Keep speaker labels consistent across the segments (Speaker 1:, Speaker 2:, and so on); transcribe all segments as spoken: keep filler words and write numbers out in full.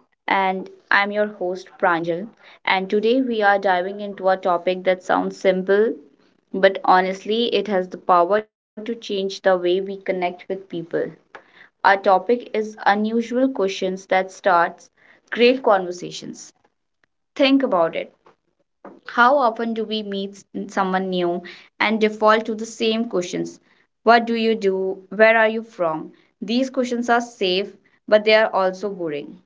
Speaker 1: And I'm your host, Pranjal. And today we are diving into a topic that sounds simple, but honestly, it has the power to change the way we connect with people. Our topic is unusual questions that starts great conversations. Think about it. How often do we meet s- someone new and default to the same questions? What do you do? Where are you from? These questions are safe, but they are also boring.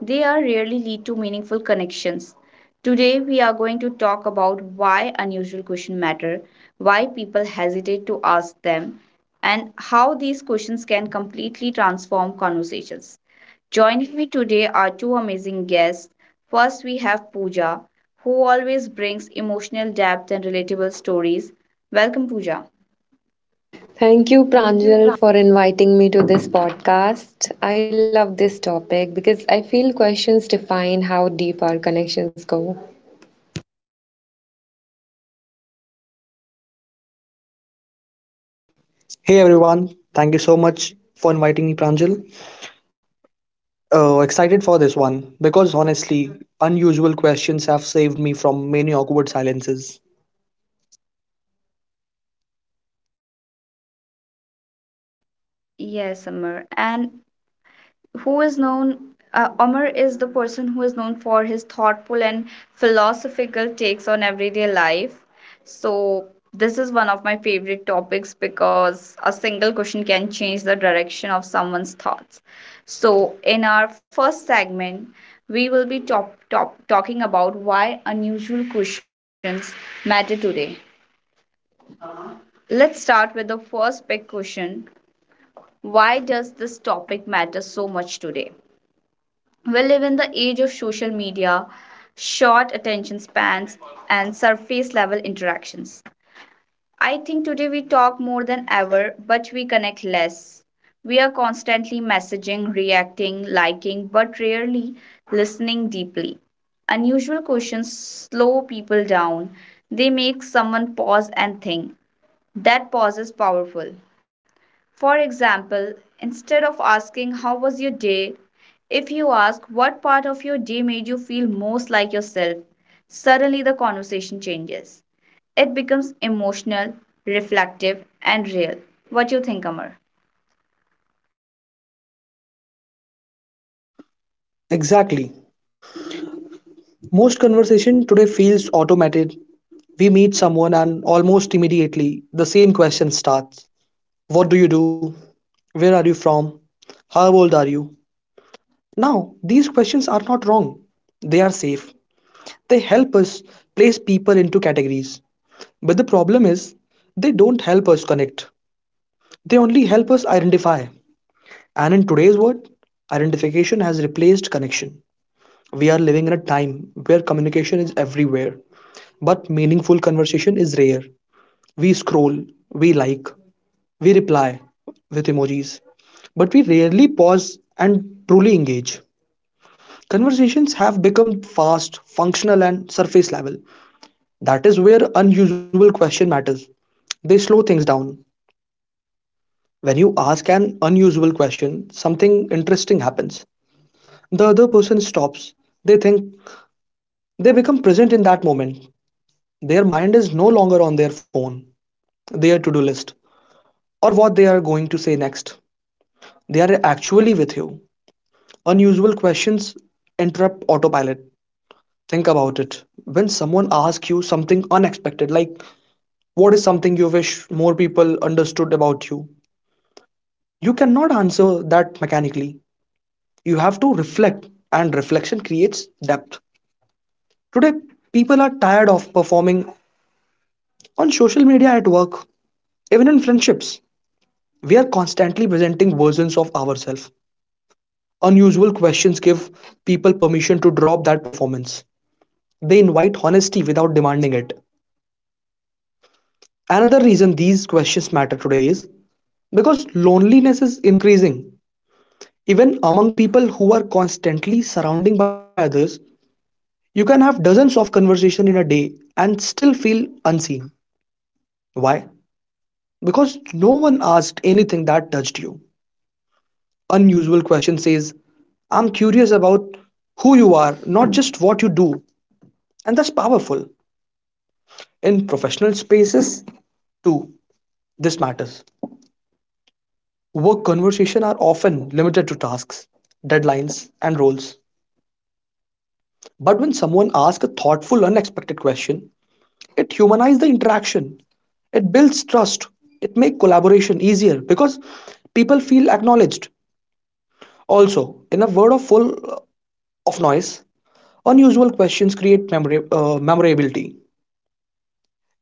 Speaker 1: They are rarely lead to meaningful connections. Today we are going to talk about why unusual questions matter, why people hesitate to ask them, and how these questions can completely transform conversations. Joining me today are two amazing guests. First, we have Pooja, who always brings emotional depth and relatable stories. Welcome, Pooja.
Speaker 2: Thank you,
Speaker 1: Thank you,
Speaker 2: Pranjal,
Speaker 1: Pra-
Speaker 2: for inviting me to this podcast. I love this topic because I feel questions define how deep our connections go.
Speaker 3: Hey everyone, thank you so much for inviting me, Pranjal. Uh, excited for this one because honestly, unusual questions have saved me from many awkward silences.
Speaker 1: Yes, Amar. And who is known uh, Omar is the person who is known for his thoughtful and philosophical takes on everyday life. So this is one of my favorite topics because a single question can change the direction of someone's thoughts. So in our first segment, we will be top, top, talking about why unusual questions matter today. Let's start with the first big question. Why does this topic matter so much today? We live in the age of social media, short attention spans, and surface level interactions. I think today we talk more than ever, but we connect less. We are constantly messaging, reacting, liking, but rarely listening deeply. Unusual questions slow people down. They make someone pause and think. That pause is powerful. For example, instead of asking how was your day, if you ask what part of your day made you feel most like yourself, suddenly the conversation changes. It becomes emotional, reflective, and real. What do you think, Amar?
Speaker 3: Exactly. Most conversation today feels automated. We meet someone and almost immediately the same question starts. What do you do? Where are you from? How old are you? Now, these questions are not wrong. They are safe. They help us place people into categories. But the problem is, they don't help us connect. They only help us identify. And in today's world, identification has replaced connection. We are living in a time where communication is everywhere, but meaningful conversation is rare. We scroll, we like, we reply with emojis, but we rarely pause and truly engage. Conversations have become fast, functional, and surface level. That is where unusual question matters. They slow things down. When you ask an unusual question, something interesting happens. The other person stops. They think. They become present in that moment. Their mind is no longer on their phone, their to do list, or what they are going to say next. They are actually with you. Unusual questions interrupt autopilot. Think about it. When someone asks you something unexpected, like what is something you wish more people understood about you, you cannot answer that mechanically. You have to reflect, and reflection creates depth. Today people are tired of performing on social media, at work, even in friendships. We are constantly presenting versions of ourselves. Unusual questions give people permission to drop that performance. They invite honesty without demanding it. Another reason these questions matter today is because loneliness is increasing even among people who are constantly surrounding by others. You can have dozens of conversation in a day and still feel unseen. Why? Because no one asked anything that touched you. Unusual question says, I'm curious about who you are, not just what you do. And that's powerful. In professional spaces, too, this matters. Work conversations are often limited to tasks, deadlines, and roles. But when someone asks a thoughtful, unexpected question, it humanizes the interaction. It builds trust. It makes collaboration easier because people feel acknowledged. Also, in a world of full of noise, unusual questions create memora- uh, memorability.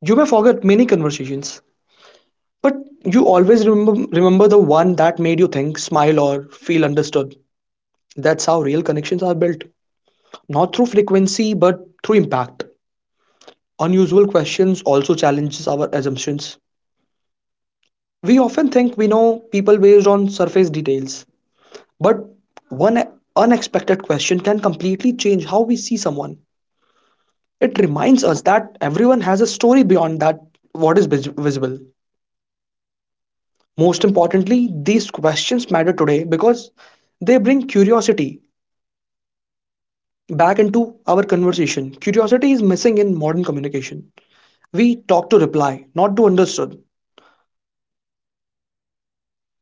Speaker 3: You may forget many conversations, but you always remember, remember the one that made you think, smile, or feel understood. That's how real connections are built. Not through frequency, but through impact. Unusual questions also challenges our assumptions. We often think we know people based on surface details, but one unexpected question can completely change how we see someone. It reminds us that everyone has a story beyond that what is vis- visible. Most importantly, these questions matter today because they bring curiosity back into our conversation. Curiosity is missing in modern communication. We talk to reply, not to understand.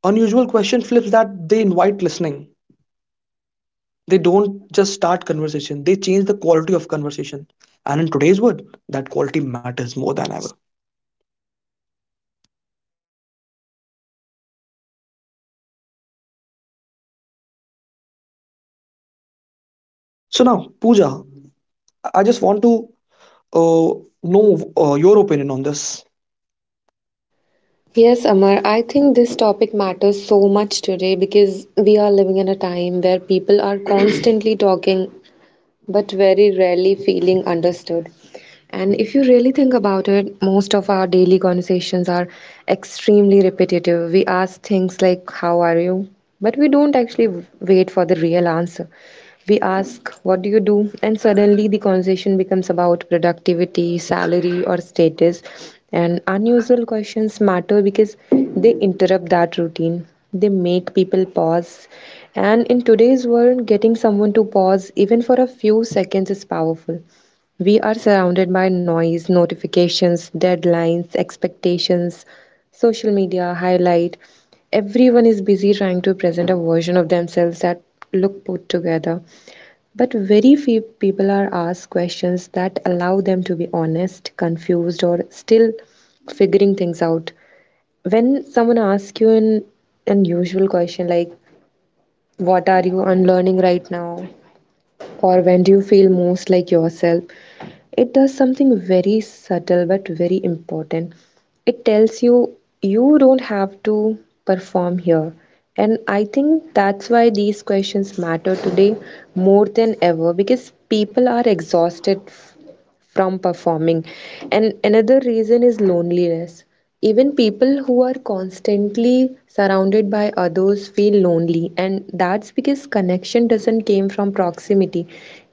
Speaker 3: Unusual question flips that. They invite listening. They don't just start conversation, they change the quality of conversation. And in today's world, that quality matters more than ever. So now, Pooja, I just want to uh, know uh, your opinion on this.
Speaker 2: Yes, Amar, I think this topic matters so much today because we are living in a time where people are constantly talking but very rarely feeling understood. And if you think about it, most of our daily conversations are extremely repetitive. We ask things like, how are you? But we don't actually wait for the real answer. We ask, what you do? And suddenly the conversation becomes about productivity, salary, or status. And unusual questions matter because they interrupt that routine. They make people pause. And in today's world, getting someone to pause, even for a few seconds, is powerful. We are surrounded by noise, notifications, deadlines, expectations, social media, highlight. Everyone is busy trying to present a version of themselves that look put together. But very few people are asked questions that allow them to be honest, confused, or still figuring things out. When someone asks you an unusual question like, what are you unlearning right now? Or when do you feel most like yourself? It does something very subtle but very important. It tells you you don't have to perform here. And I think that's why these questions matter today more than ever, because people are exhausted f- from performing. And another reason is loneliness. Even people who are constantly surrounded by others feel lonely, and that's because connection doesn't come from proximity,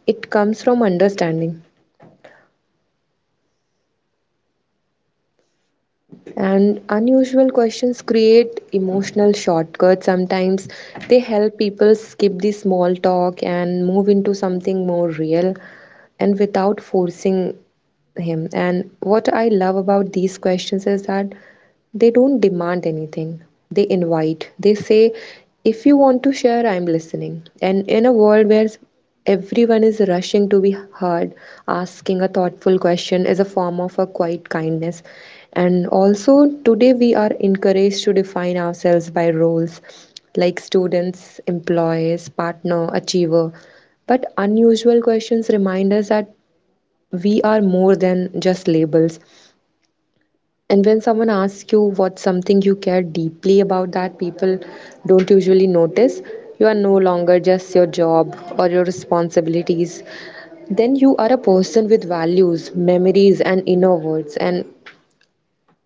Speaker 2: it comes from understanding. And unusual questions create emotional shortcuts. Sometimes they help people skip the small talk and move into something more real and without forcing him. And what I love about these questions is that they don't demand anything, they invite. They say, if you want to share, I'm listening. And in a world where everyone is rushing to be heard, asking a thoughtful question is a form of a quiet kindness. And also, today we are encouraged to define ourselves by roles like students, employees, partner, achiever. But unusual questions remind us that we are more than just labels. And when someone asks you what something you care deeply about that people don't usually notice, you are no longer just your job or your responsibilities, then you are a person with values, memories, and inner worlds. And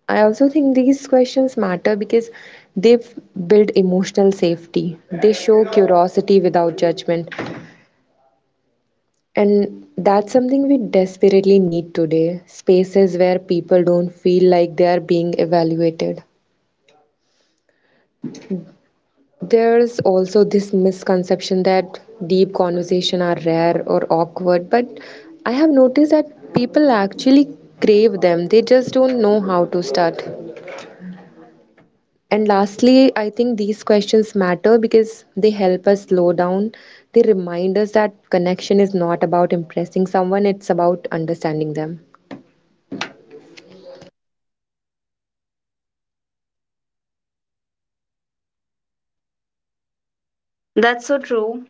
Speaker 2: I also think these questions matter because they f- build emotional safety, they show curiosity without judgment. And that's something we desperately need today, spaces where people don't feel like they are being evaluated. There's also this misconception that deep conversation are rare or awkward, but I have noticed that people actually crave them. They just don't know how to start. And lastly, I think these questions matter because they help us slow down. They remind us that connection is not about impressing someone, it's about understanding them.
Speaker 1: That's so true.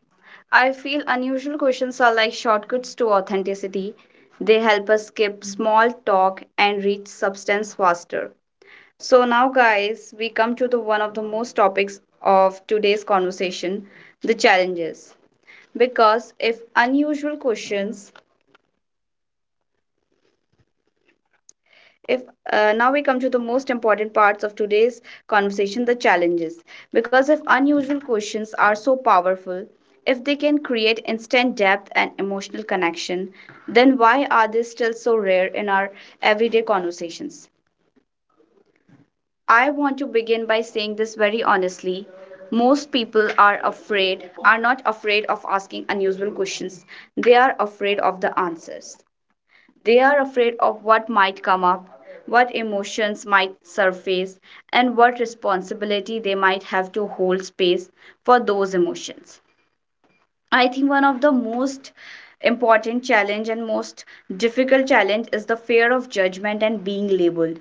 Speaker 1: I feel unusual questions are like shortcuts to authenticity. They help us skip small talk and reach substance faster. So now, guys, we come to the one of the most topics of today's conversation, the challenges. Because if unusual questions, if uh, Now we come to the most important parts of today's conversation, the challenges. Because if unusual questions are so powerful, if they can create instant depth and emotional connection, then why are they still so rare in our everyday conversations? I want to begin by saying this very honestly. Most people are afraid, are not afraid of asking unusual questions. They are afraid of the answers. They are afraid of what might come up, what emotions might surface, and what responsibility they might have to hold space for those emotions. I think one of the most important challenge and most difficult challenge is the fear of judgment and being labeled.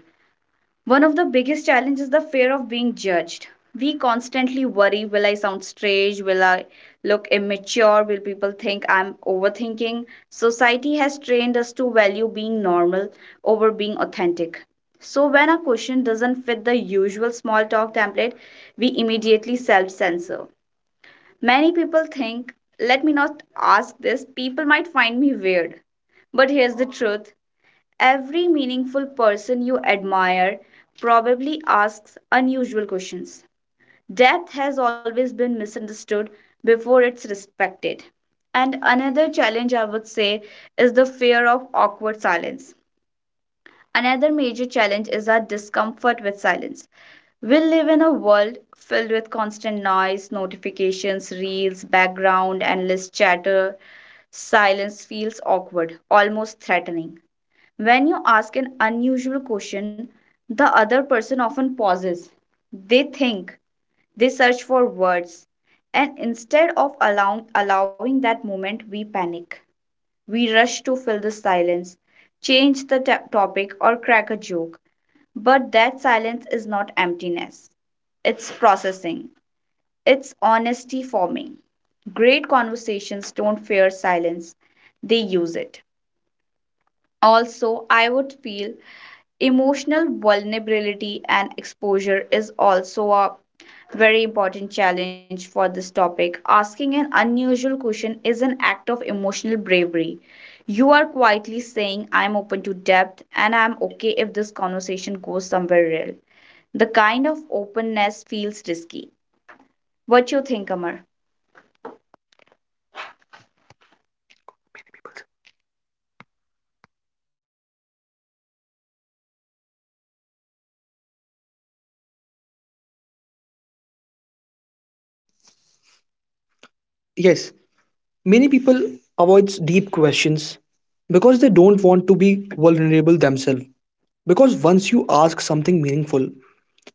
Speaker 1: One of the biggest challenges is the fear of being judged. We constantly worry, will I sound strange? Will I look immature? Will people think I'm overthinking? Society has trained us to value being normal over being authentic. So, when a question doesn't fit the usual small talk template, we immediately self censor. Many people think, let me not ask this, people might find me weird. But here's the truth. Every meaningful person you admire probably asks unusual questions. Depth has always been misunderstood before it's respected. And another challenge I would say is the fear of awkward silence. Another major challenge is our discomfort with silence. We live in a world filled with constant noise, notifications, reels, background, endless chatter. Silence feels awkward, almost threatening. When you ask an unusual question, the other person often pauses. They think, they search for words, and instead of allowing, allowing that moment, we panic. We rush to fill the silence, change the ta- topic, or crack a joke. But that silence is not emptiness, it's processing, it's honesty forming. Great conversations don't fear silence, they use it. Also, I would feel emotional vulnerability and exposure is also a very important challenge for this topic. Asking an unusual question is an act of emotional bravery. You are quietly saying, I'm open to depth and I'm okay if this conversation goes somewhere real. The kind of openness feels risky. What you think, Amar?
Speaker 3: Yes, many people avoids deep questions because they don't want to be vulnerable themselves. Because once you ask something meaningful,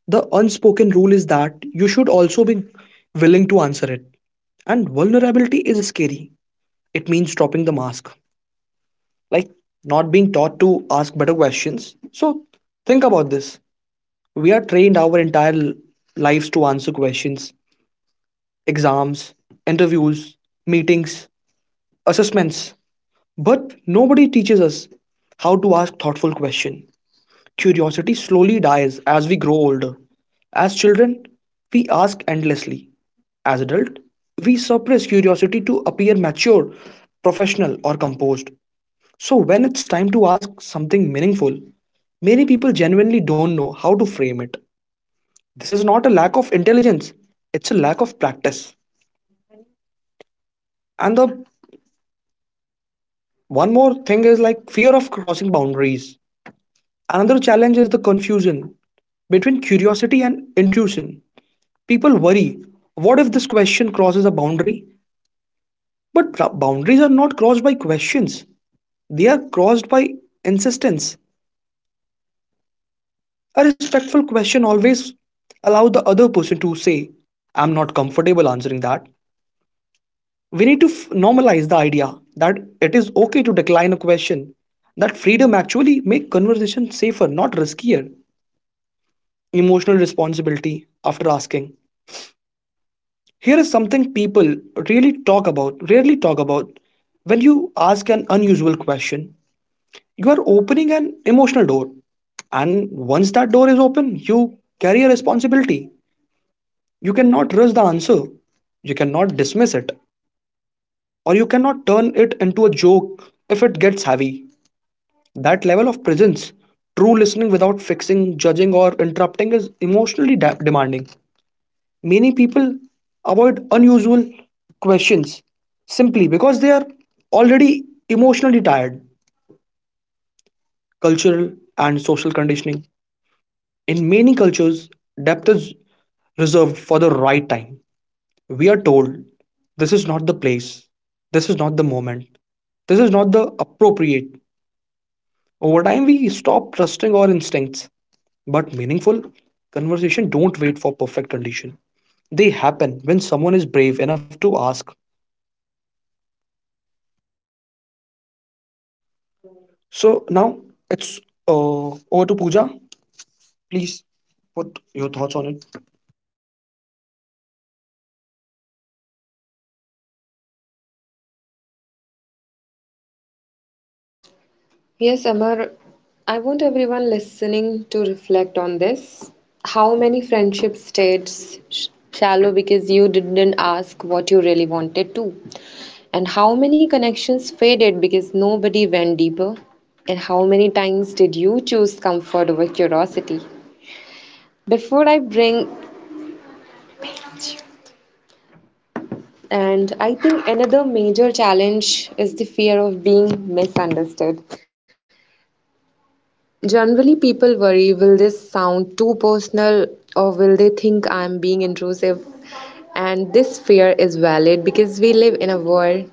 Speaker 3: the unspoken rule is that you should also be willing to answer it. And vulnerability is scary. It means dropping the mask. Like not being taught to ask better questions. So think about this. We are trained our entire l- lives to answer questions, exams, interviews, meetings, assessments, but nobody teaches us how to ask thoughtful questions. Curiosity slowly dies as we grow older. As children, we ask endlessly. As adult, we suppress curiosity to appear mature, professional, or composed. So, when it's time to ask something meaningful, many people genuinely don't know how to frame it. This is not a lack of intelligence, it's a lack of practice. And the one more thing is like fear of crossing boundaries. Another challenge is the confusion between curiosity and intuition. People worry, what if this question crosses a boundary? But boundaries are not crossed by questions, they are crossed by insistence. A respectful question always allows the other person to say, I'm not comfortable answering that. We need to f- normalize the idea that it is okay to decline a question. That freedom actually make conversation safer, not riskier. Emotional responsibility after asking. Here is something people really talk about, rarely talk about. When you ask an unusual question, you are opening an emotional door. And once that door is open, you carry a responsibility. You cannot rush the answer. You cannot dismiss it. Or you cannot turn it into a joke if it gets heavy. That level of presence, true listening without fixing, judging, or interrupting, is emotionally de- demanding. Many people avoid unusual questions simply because they are already emotionally tired. Cultural and social conditioning. In many cultures, depth is reserved for the right time. We are told this is not the place, this is not the moment, this is not the appropriate. Over time, we stop trusting our instincts. But meaningful conversation don't wait for perfect condition. They happen when someone is brave enough to ask. So now it's uh, over to Pooja. Please put your thoughts on it.
Speaker 2: Yes, Amar, I want everyone listening to reflect on this. How many friendship stayed sh- shallow because you didn't ask what you really wanted to? And how many connections faded because nobody went deeper? And how many times did you choose comfort over curiosity? Before I bring, and I think another major challenge is the fear of being misunderstood. Generally, people worry, will this sound too personal or will they think I'm being intrusive? And this fear is valid because we live in a world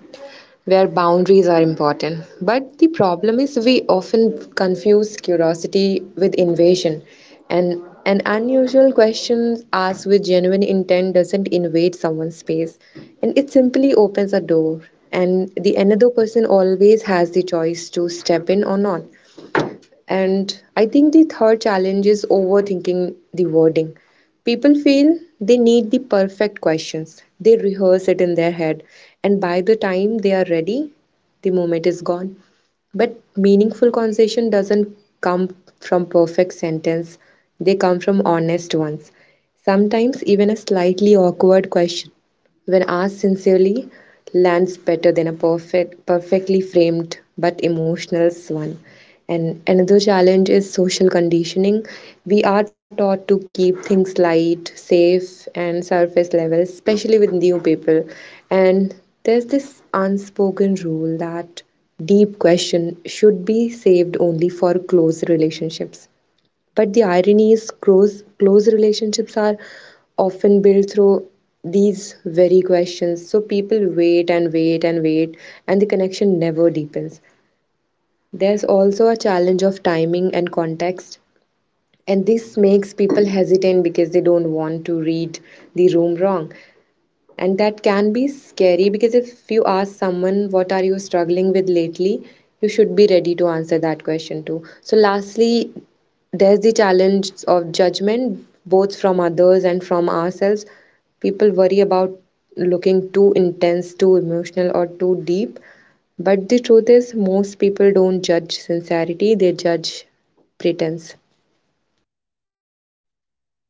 Speaker 2: where boundaries are important. But the problem is we often confuse curiosity with invasion. And an unusual question asked with genuine intent doesn't invade someone's space, and it simply opens a door, and the another person always has the choice to step in or not. And I think the third challenge is overthinking the wording. People feel they need the perfect questions. They rehearse it in their head, and by the time they are ready, the moment is gone. But meaningful conversation doesn't come from perfect sentence. They come from honest ones. Sometimes even a slightly awkward question, when asked sincerely, lands better than a perfect, perfectly framed but emotional one. And another challenge is social conditioning. We are taught to keep things light, safe, and surface level, especially with new people. And there's this unspoken rule that deep question should be saved only for close relationships. But the irony is, close, close relationships are often built through these very questions. So people wait and wait and wait, and the connection never deepens. There's also a challenge of timing and context, and this makes people hesitant because they don't want to read the room wrong. And that can be scary because if you ask someone, what are you struggling with lately? You should be ready to answer that question too. So, lastly, there's the challenge of judgment, both from others and from ourselves. People worry about looking too intense, too emotional, or too deep. But the truth is, most people don't judge sincerity, they judge pretense.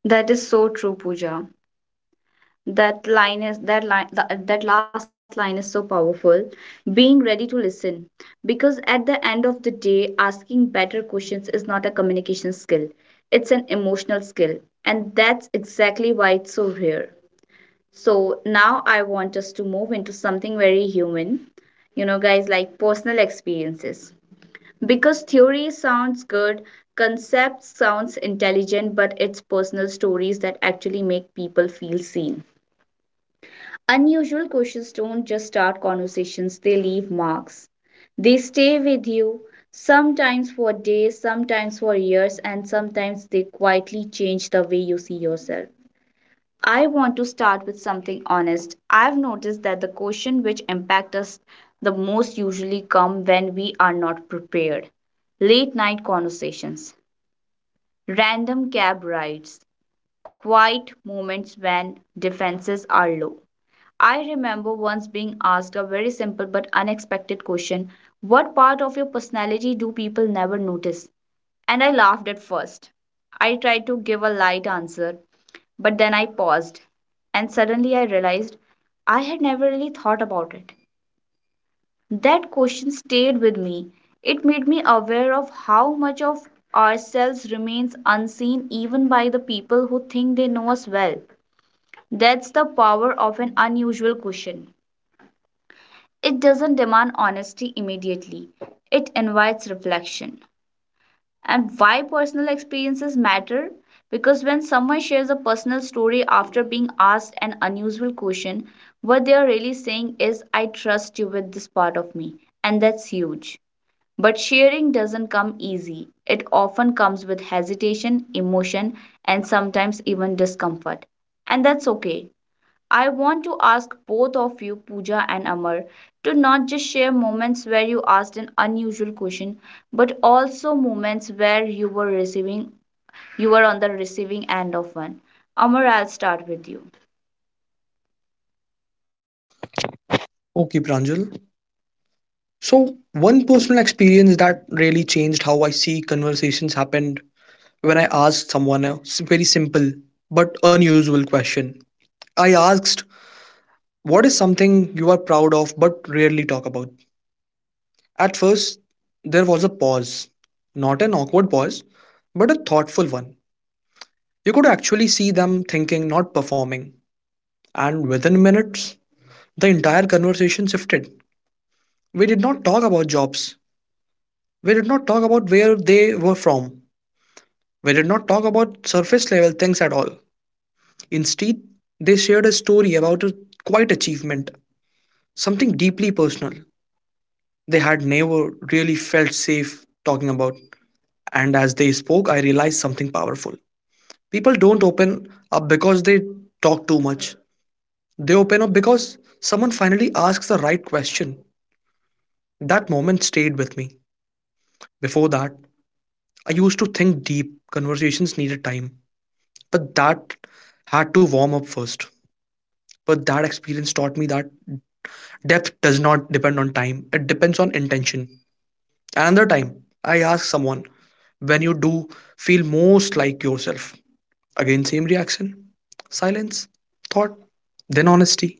Speaker 1: That is so true, Pooja. That line is that line that, that last line is so powerful, being ready to listen, because at the end of the day asking better questions is not a communication skill, it's an emotional skill, and that's exactly why it's so rare. So now I want us to move into something very human, you know, guys, like personal experiences, because theory sounds good, concept sounds intelligent, but it's personal stories that actually make people feel seen. Unusual questions don't just start conversations, they leave marks. They stay with you, sometimes for days, sometimes for years, and sometimes they quietly change the way you see yourself. I want to start with something honest. I've noticed that the questions which impact us the most usually come when we are not prepared. Late night conversations, random cab rides, quiet moments when defenses are low. I remember once being asked a very simple but unexpected question. What part of your personality do people never notice? And I laughed at first. I tried to give a light answer, but then I paused, and suddenly I realized I had never really thought about it. That question stayed with me. It made me aware of how much of ourselves remains unseen even by the people who think they know us well. That's the power of an unusual question. It doesn't demand honesty immediately, it invites reflection. And why personal experiences matter? Because when someone shares a personal story after being asked an unusual question, what they are really saying is, I trust you with this part of me. And that's huge. But sharing doesn't come easy. It often comes with hesitation, emotion, and sometimes even discomfort. And that's okay. I want to ask both of you, Pooja and Amar, to not just share moments where you asked an unusual question, but also moments where you were receiving you were on the receiving end of one. Amar, I'll start with you.
Speaker 3: Okay, Pranjal. So, one personal experience that really changed how I see conversations happened when I asked someone a s- very simple but unusual question. I asked, what is something you are proud of but rarely talk about? At first, there was a pause. Not an awkward pause, but a thoughtful one. You could actually see them thinking, not performing. And within minutes, the entire conversation shifted. We did not talk about jobs. We did not talk about where they were from. We did not talk about surface level things at all. Instead, they shared a story about a quiet achievement, something deeply personal they had never really felt safe talking about. And as they spoke, I realized something powerful. People don't open up because they talk too much, they open up because someone finally asks the right question. That moment stayed with me. Before that, I used to think deep, conversations needed time, but that had to warm up first. But that experience taught me that depth does not depend on time, it depends on intention. Another time, I ask someone, when you do feel most like yourself? Again, same reaction, silence, thought, then honesty.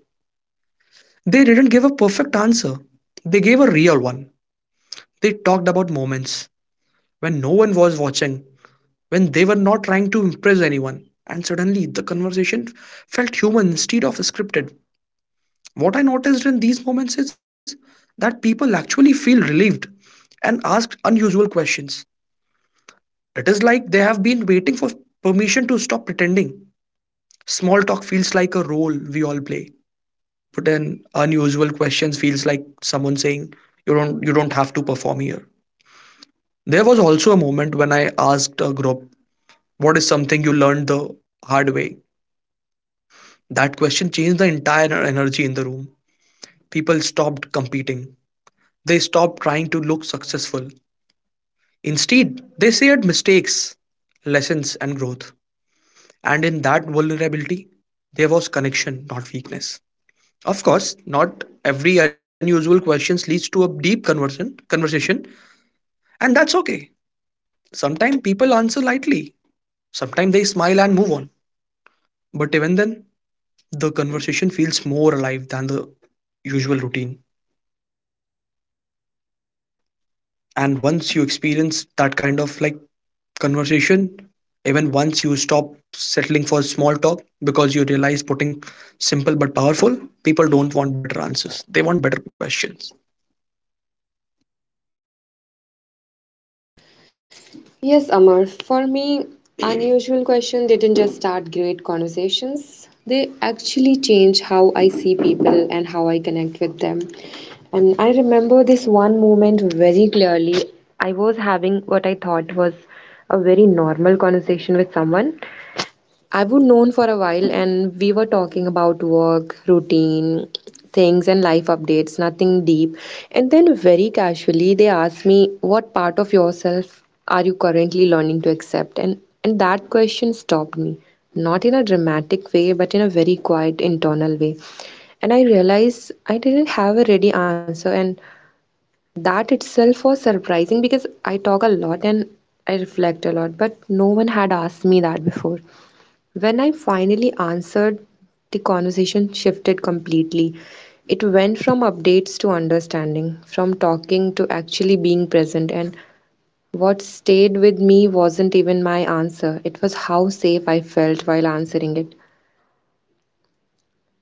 Speaker 3: They didn't give a perfect answer, they gave a real one. They talked about moments when no one was watching, when they were not trying to impress anyone, and suddenly the conversation felt human instead of scripted. What I noticed in these moments is that people actually feel relieved and ask unusual questions. It is like they have been waiting for permission to stop pretending. Small talk feels like a role we all play, but an unusual questions feels like someone saying, "You don't, you don't have to perform here." There was also a moment when I asked a group, "What is something you learned the hard way?" That question changed the entire energy in the room. People stopped competing. They stopped trying to look successful. Instead, they shared mistakes, lessons, and growth. And in that vulnerability, there was connection, not weakness. Of course, not every unusual question leads to a deep conversion, conversation, and that's okay. Sometimes people answer lightly, sometimes they smile and move on. But even then, the conversation feels more alive than the usual routine. And once you experience that kind of like conversation even once, you stop settling for small talk because you realize putting simple but powerful, people don't want better answers, they want better questions.
Speaker 2: Yes, Amar, for me, unusual question didn't just start great conversations. They actually change how I see people and how I connect with them. And I remember this one moment very clearly. I was having what I thought was a very normal conversation with someone I've known for a while, and we were talking about work, routine, things, and life updates, nothing deep. And then, very casually, they asked me, what part of yourself are you currently learning to accept? And, and that question stopped me, not in a dramatic way, but in a very quiet, internal way. And I realized I didn't have a ready answer, and that itself was surprising because I talk a lot and I reflect a lot, but no one had asked me that before. When I finally answered, the conversation shifted completely. It went from updates to understanding, from talking to actually being present. And what stayed with me wasn't even my answer, it was how safe I felt while answering it.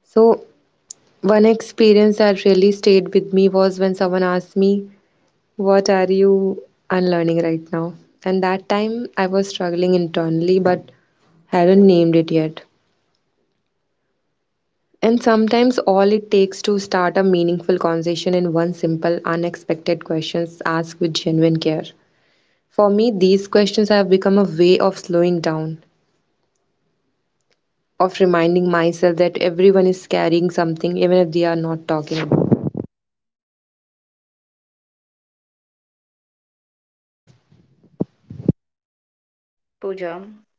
Speaker 2: So, one experience that really stayed with me was when someone asked me, what are you unlearning right now? And that time I was struggling internally but hadn't named it yet. And sometimes all it takes to start a meaningful conversation in one simple, unexpected questions asked with genuine care. For me, these questions have become a way of slowing down, of reminding myself that everyone is carrying something even if they are not talking about it.
Speaker 1: Pooja.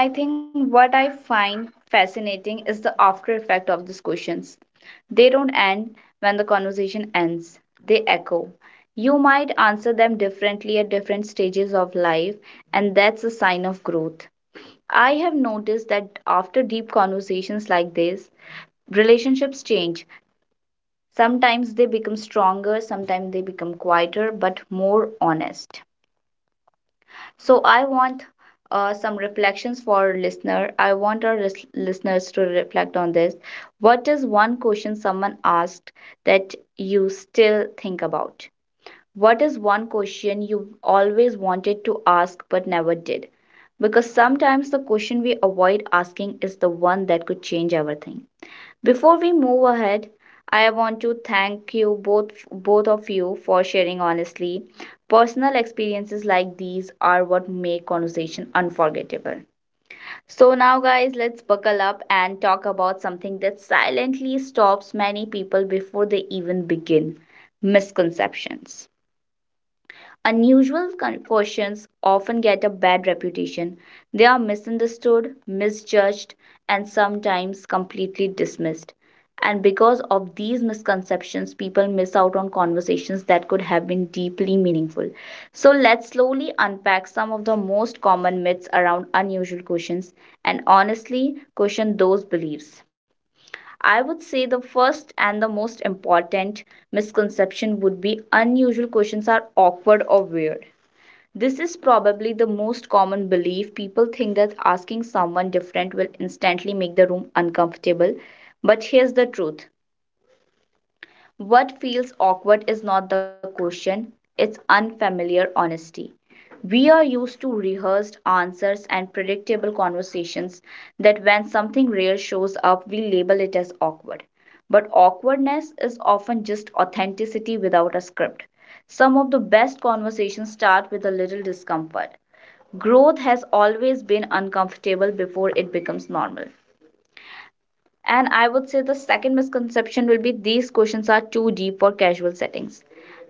Speaker 1: And I think what I find fascinating is the after effect of these questions. They don't end when the conversation ends. They echo. You might answer them differently at different stages of life, and that's a sign of growth. I have noticed that after deep conversations like this, relationships change. Sometimes they become stronger, sometimes they become quieter, but more honest. So I want uh, some reflections for our listener. I want our lis- listeners to reflect on this. What is one question someone asked that you still think about? What is one question you always wanted to ask but never did? Because sometimes the question we avoid asking is the one that could change everything. Before we move ahead, I want to thank you both both of you for sharing honestly. Personal experiences like these are what make conversation unforgettable. So now guys, let's buckle up and talk about something that silently stops many people before they even begin, misconceptions. Unusual con- questions often get a bad reputation. They are misunderstood, misjudged, and sometimes completely dismissed. And because of these misconceptions, people miss out on conversations that could have been deeply meaningful. So, let's slowly unpack some of the most common myths around unusual questions and honestly question those beliefs. I would say the first and the most important misconception would be, unusual questions are awkward or weird. This is probably the most common belief. People think that asking someone different will instantly make the room uncomfortable. But here's the truth, what feels awkward is not the question, it's unfamiliar honesty. We are used to rehearsed answers and predictable conversations that when something rare shows up, we label it as awkward. But awkwardness is often just authenticity without a script. Some of the best conversations start with a little discomfort. Growth has always been uncomfortable before it becomes normal. And I would say the second misconception will be, these questions are too deep for casual settings.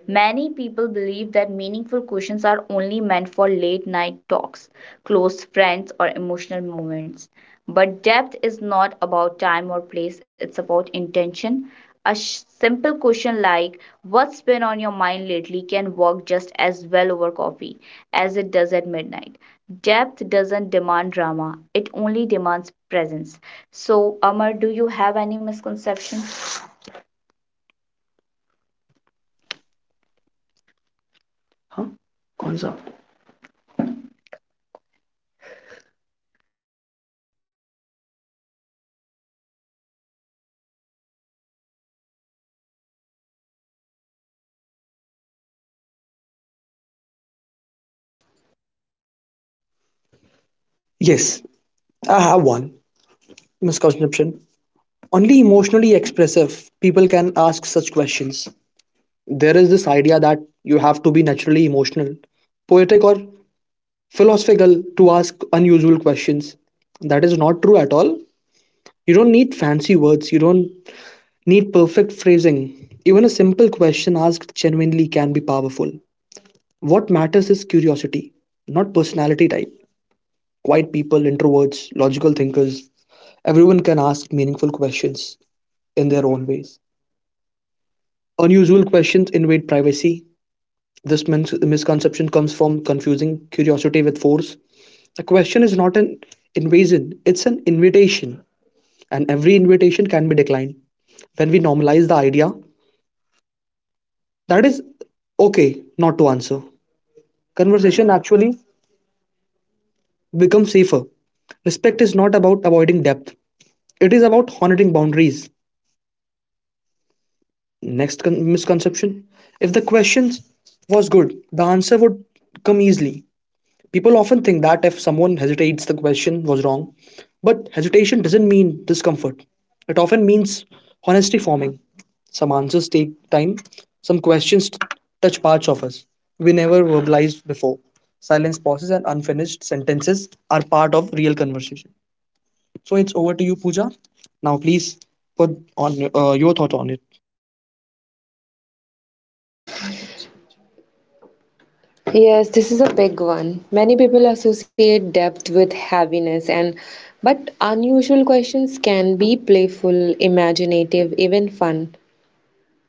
Speaker 1: Many people believe that meaningful questions are only meant for late night talks, close friends, or emotional moments. But depth is not about time or place, it's about intention. A sh- simple question like, what's been on your mind lately, can work just as well over coffee as it does at midnight. Depth doesn't demand drama, it only demands presence. So, Amar, do you have any misconceptions?
Speaker 3: Yes, I have one misconception. Only emotionally expressive people can ask such questions. There is this idea that you have to be naturally emotional, poetic, or philosophical to ask unusual questions. That is not true at all. You don't need fancy words, you don't need perfect phrasing. Even a simple question asked genuinely can be powerful. What matters is curiosity, not personality type. Quiet people, introverts, logical thinkers, everyone can ask meaningful questions in their own ways. Unusual questions invade privacy. This min- misconception comes from confusing curiosity with force. A question is not an invasion, it's an invitation, and every invitation can be declined. When we normalize the idea that is okay not to answer, conversation actually becomes safer. Respect is not about avoiding depth, it is about honoring boundaries. Next con- misconception, if the question was good, the answer would come easily. People often think that if someone hesitates, the question was wrong. But hesitation doesn't mean discomfort, it often means honesty forming. Some answers take time, some questions t- touch parts of us we never verbalized before. Silence pauses and unfinished sentences are part of real conversation. So it's over to you, Pooja. Now, please put on uh, your thought on it.
Speaker 2: Yes, this is a big one. Many people associate depth with heaviness and but unusual questions can be playful, imaginative, even fun.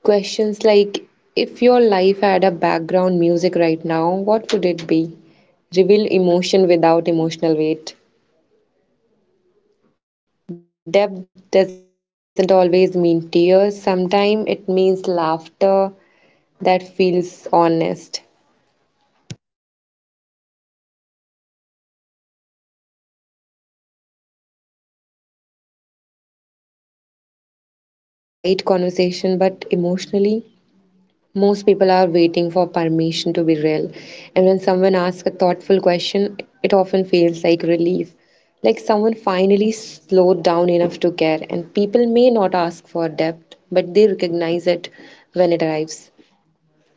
Speaker 2: Questions like, if your life had a background music right now, what would it be? Reveal emotion without emotional weight. Depth doesn't always mean tears. Sometimes it means laughter that feels honest. On the surface, people might say that they prefer light conversation, but emotionally, most people are waiting for permission to be real. And when someone asks a thoughtful question, it often feels like relief. Like someone finally slowed down enough to care, and people may not ask for depth, but they recognize it when it arrives.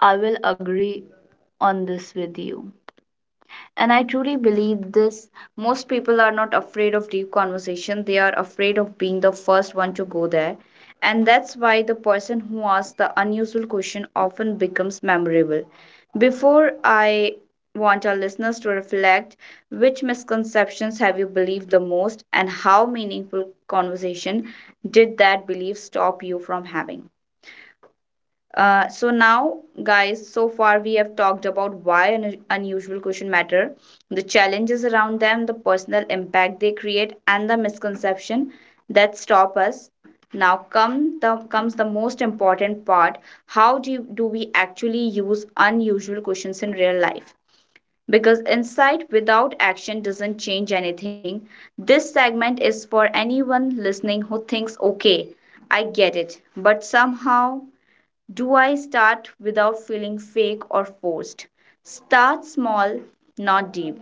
Speaker 1: I will agree on this with you. And I truly believe this. Most people are not afraid of deep conversation, they are afraid of being the first one to go there. And that's why the person who asks the unusual question often becomes memorable. Before I want our listeners to reflect, which misconceptions have you believed the most and how meaningful conversation did that belief stop you from having? Uh, so now, guys, so far we have talked about why an unusual question matter, the challenges around them, the personal impact they create, and the misconception that stop us. Now come the comes the most important part. How do you, do we actually use unusual questions in real life? Because insight without action doesn't change anything. This segment is for anyone listening who thinks, okay, I get it, but somehow do I start without feeling fake or forced? Start small, not deep.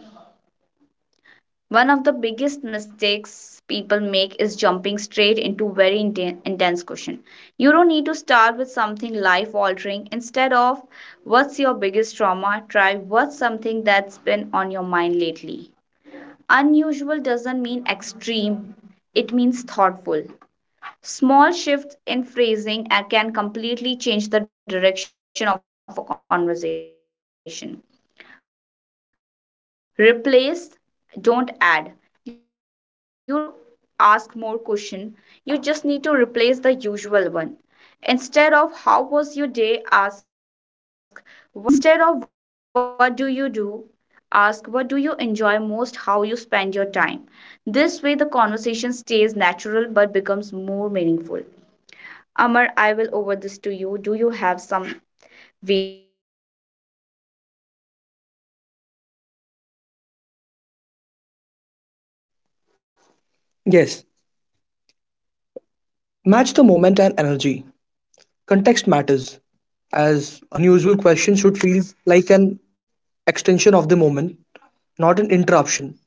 Speaker 1: One of the biggest mistakes people make is jumping straight into very intense question. You don't need to start with something life altering. Instead of what's your biggest trauma, try what's something that's been on your mind lately. Unusual doesn't mean extreme, it means thoughtful. Small shifts in phrasing uh, can completely change the direction of a conversation. Replace, don't add. You don't need to ask more question. You just need to replace the usual one. Instead of how was your day, ask what part of your day stayed with you the most. Instead of what do you do, ask what do you enjoy most, how you spend your time. This way the conversation stays natural but becomes more meaningful. Amar, I will over this to you. Do you have some
Speaker 3: Yes, match the moment and energy. Context matters, as unusual questions should feel like an extension of the moment, not an interruption.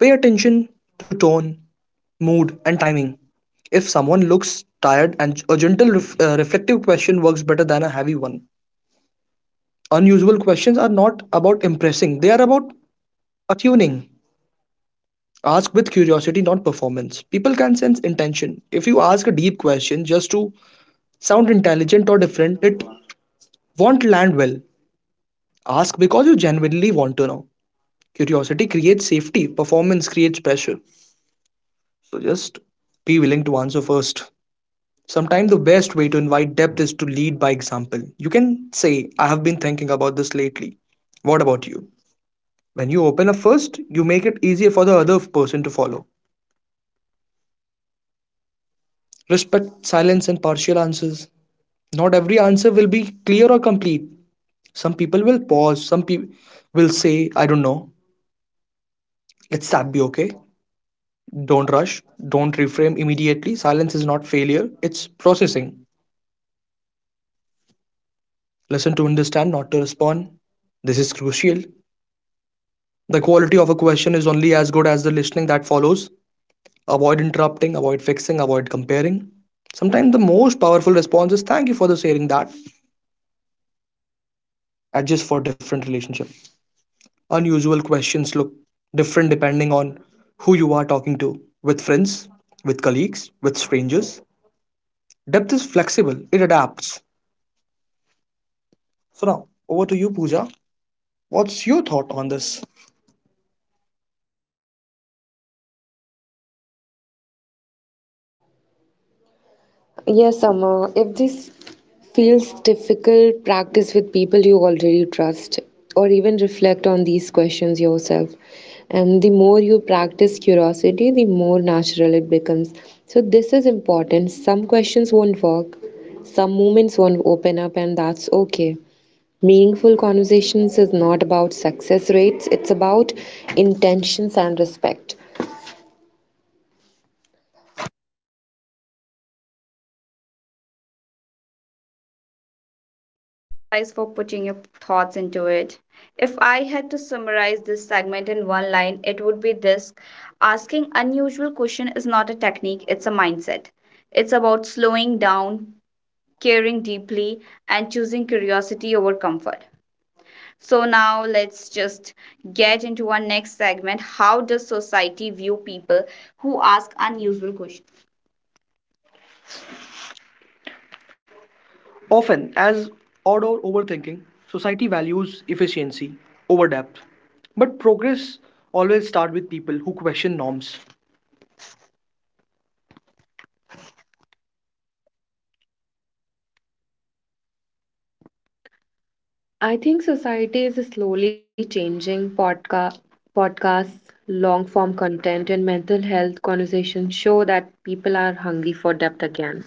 Speaker 3: Pay attention to tone, mood, and timing. If someone looks tired, and a gentle, ref- uh, reflective question works better than a heavy one. Unusual questions are not about impressing, they are about attuning. Ask with curiosity, not performance. People can sense intention. If you ask a deep question just to sound intelligent or different, it won't land well. Ask because you genuinely want to know. Curiosity creates safety, performance creates pressure. So just be willing to answer first. Sometimes the best way to invite depth is to lead by example. You can say, I have been thinking about this lately. What about you? When you open up first, you make it easier for the other person to follow. Respect silence and partial answers. Not every answer will be clear or complete. Some people will pause, some people will say, I don't know, let that be okay. Don't rush, don't reframe immediately. Silence is not failure, it's processing. Listen to understand, not to respond. This is crucial. The quality of a question is only as good as the listening that follows. Avoid interrupting, avoid fixing, avoid comparing. Sometimes the most powerful response is thank you for the sharing that. Adjust for different relationship. Unusual questions look different depending on who you are talking to. With friends, with colleagues, with strangers. Depth is flexible, it adapts. So now over to you, Pooja. What's your thought on this?
Speaker 2: Yes, Amma, if this feels difficult, practice with people you already trust, or even reflect on these questions yourself. And the more you practice curiosity, the more natural it becomes. So, this is important. Some questions won't work, some moments won't open up, and that's okay. Meaningful conversations is not about success rates, it's about intentions and respect.
Speaker 1: guys for putting your thoughts into it. If I had to summarize this segment in one line, it would be this, asking unusual question is not a technique, it's a mindset. It's about slowing down, caring deeply, and choosing curiosity over comfort. So now let's just get into our next segment. How does society view people who ask unusual questions? Often, as odd or overthinking, society values efficiency over depth. But progress always starts with people who question norms. I think society is slowly changing. Podca- podcasts, long form content, and mental health conversations show that people are hungry for depth again.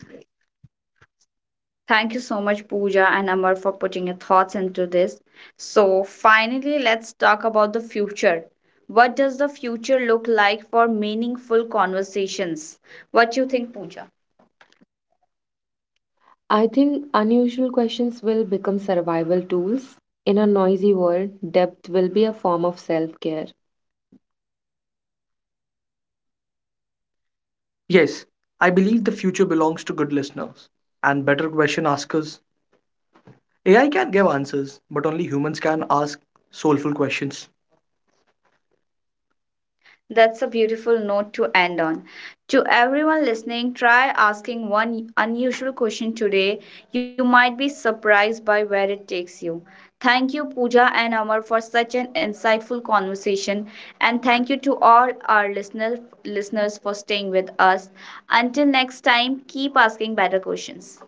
Speaker 1: Thank you so much, Pooja and Amar, for putting your thoughts into this. So, finally, let's talk about the future. What does the future look like for meaningful conversations? What you think, Pooja? I think unusual questions will become survival tools. In a noisy world, depth will be a form of self care. Yes, I believe the future belongs to good listeners and better question askers. A I can give answers, but only humans can ask soulful questions. That's a beautiful note to end on. To everyone listening, try asking one unusual question today. You might be surprised by where it takes you. Thank you, Pooja and Amar, for such an insightful conversation. And thank you to all our listener, listeners for staying with us. Until next time, keep asking better questions.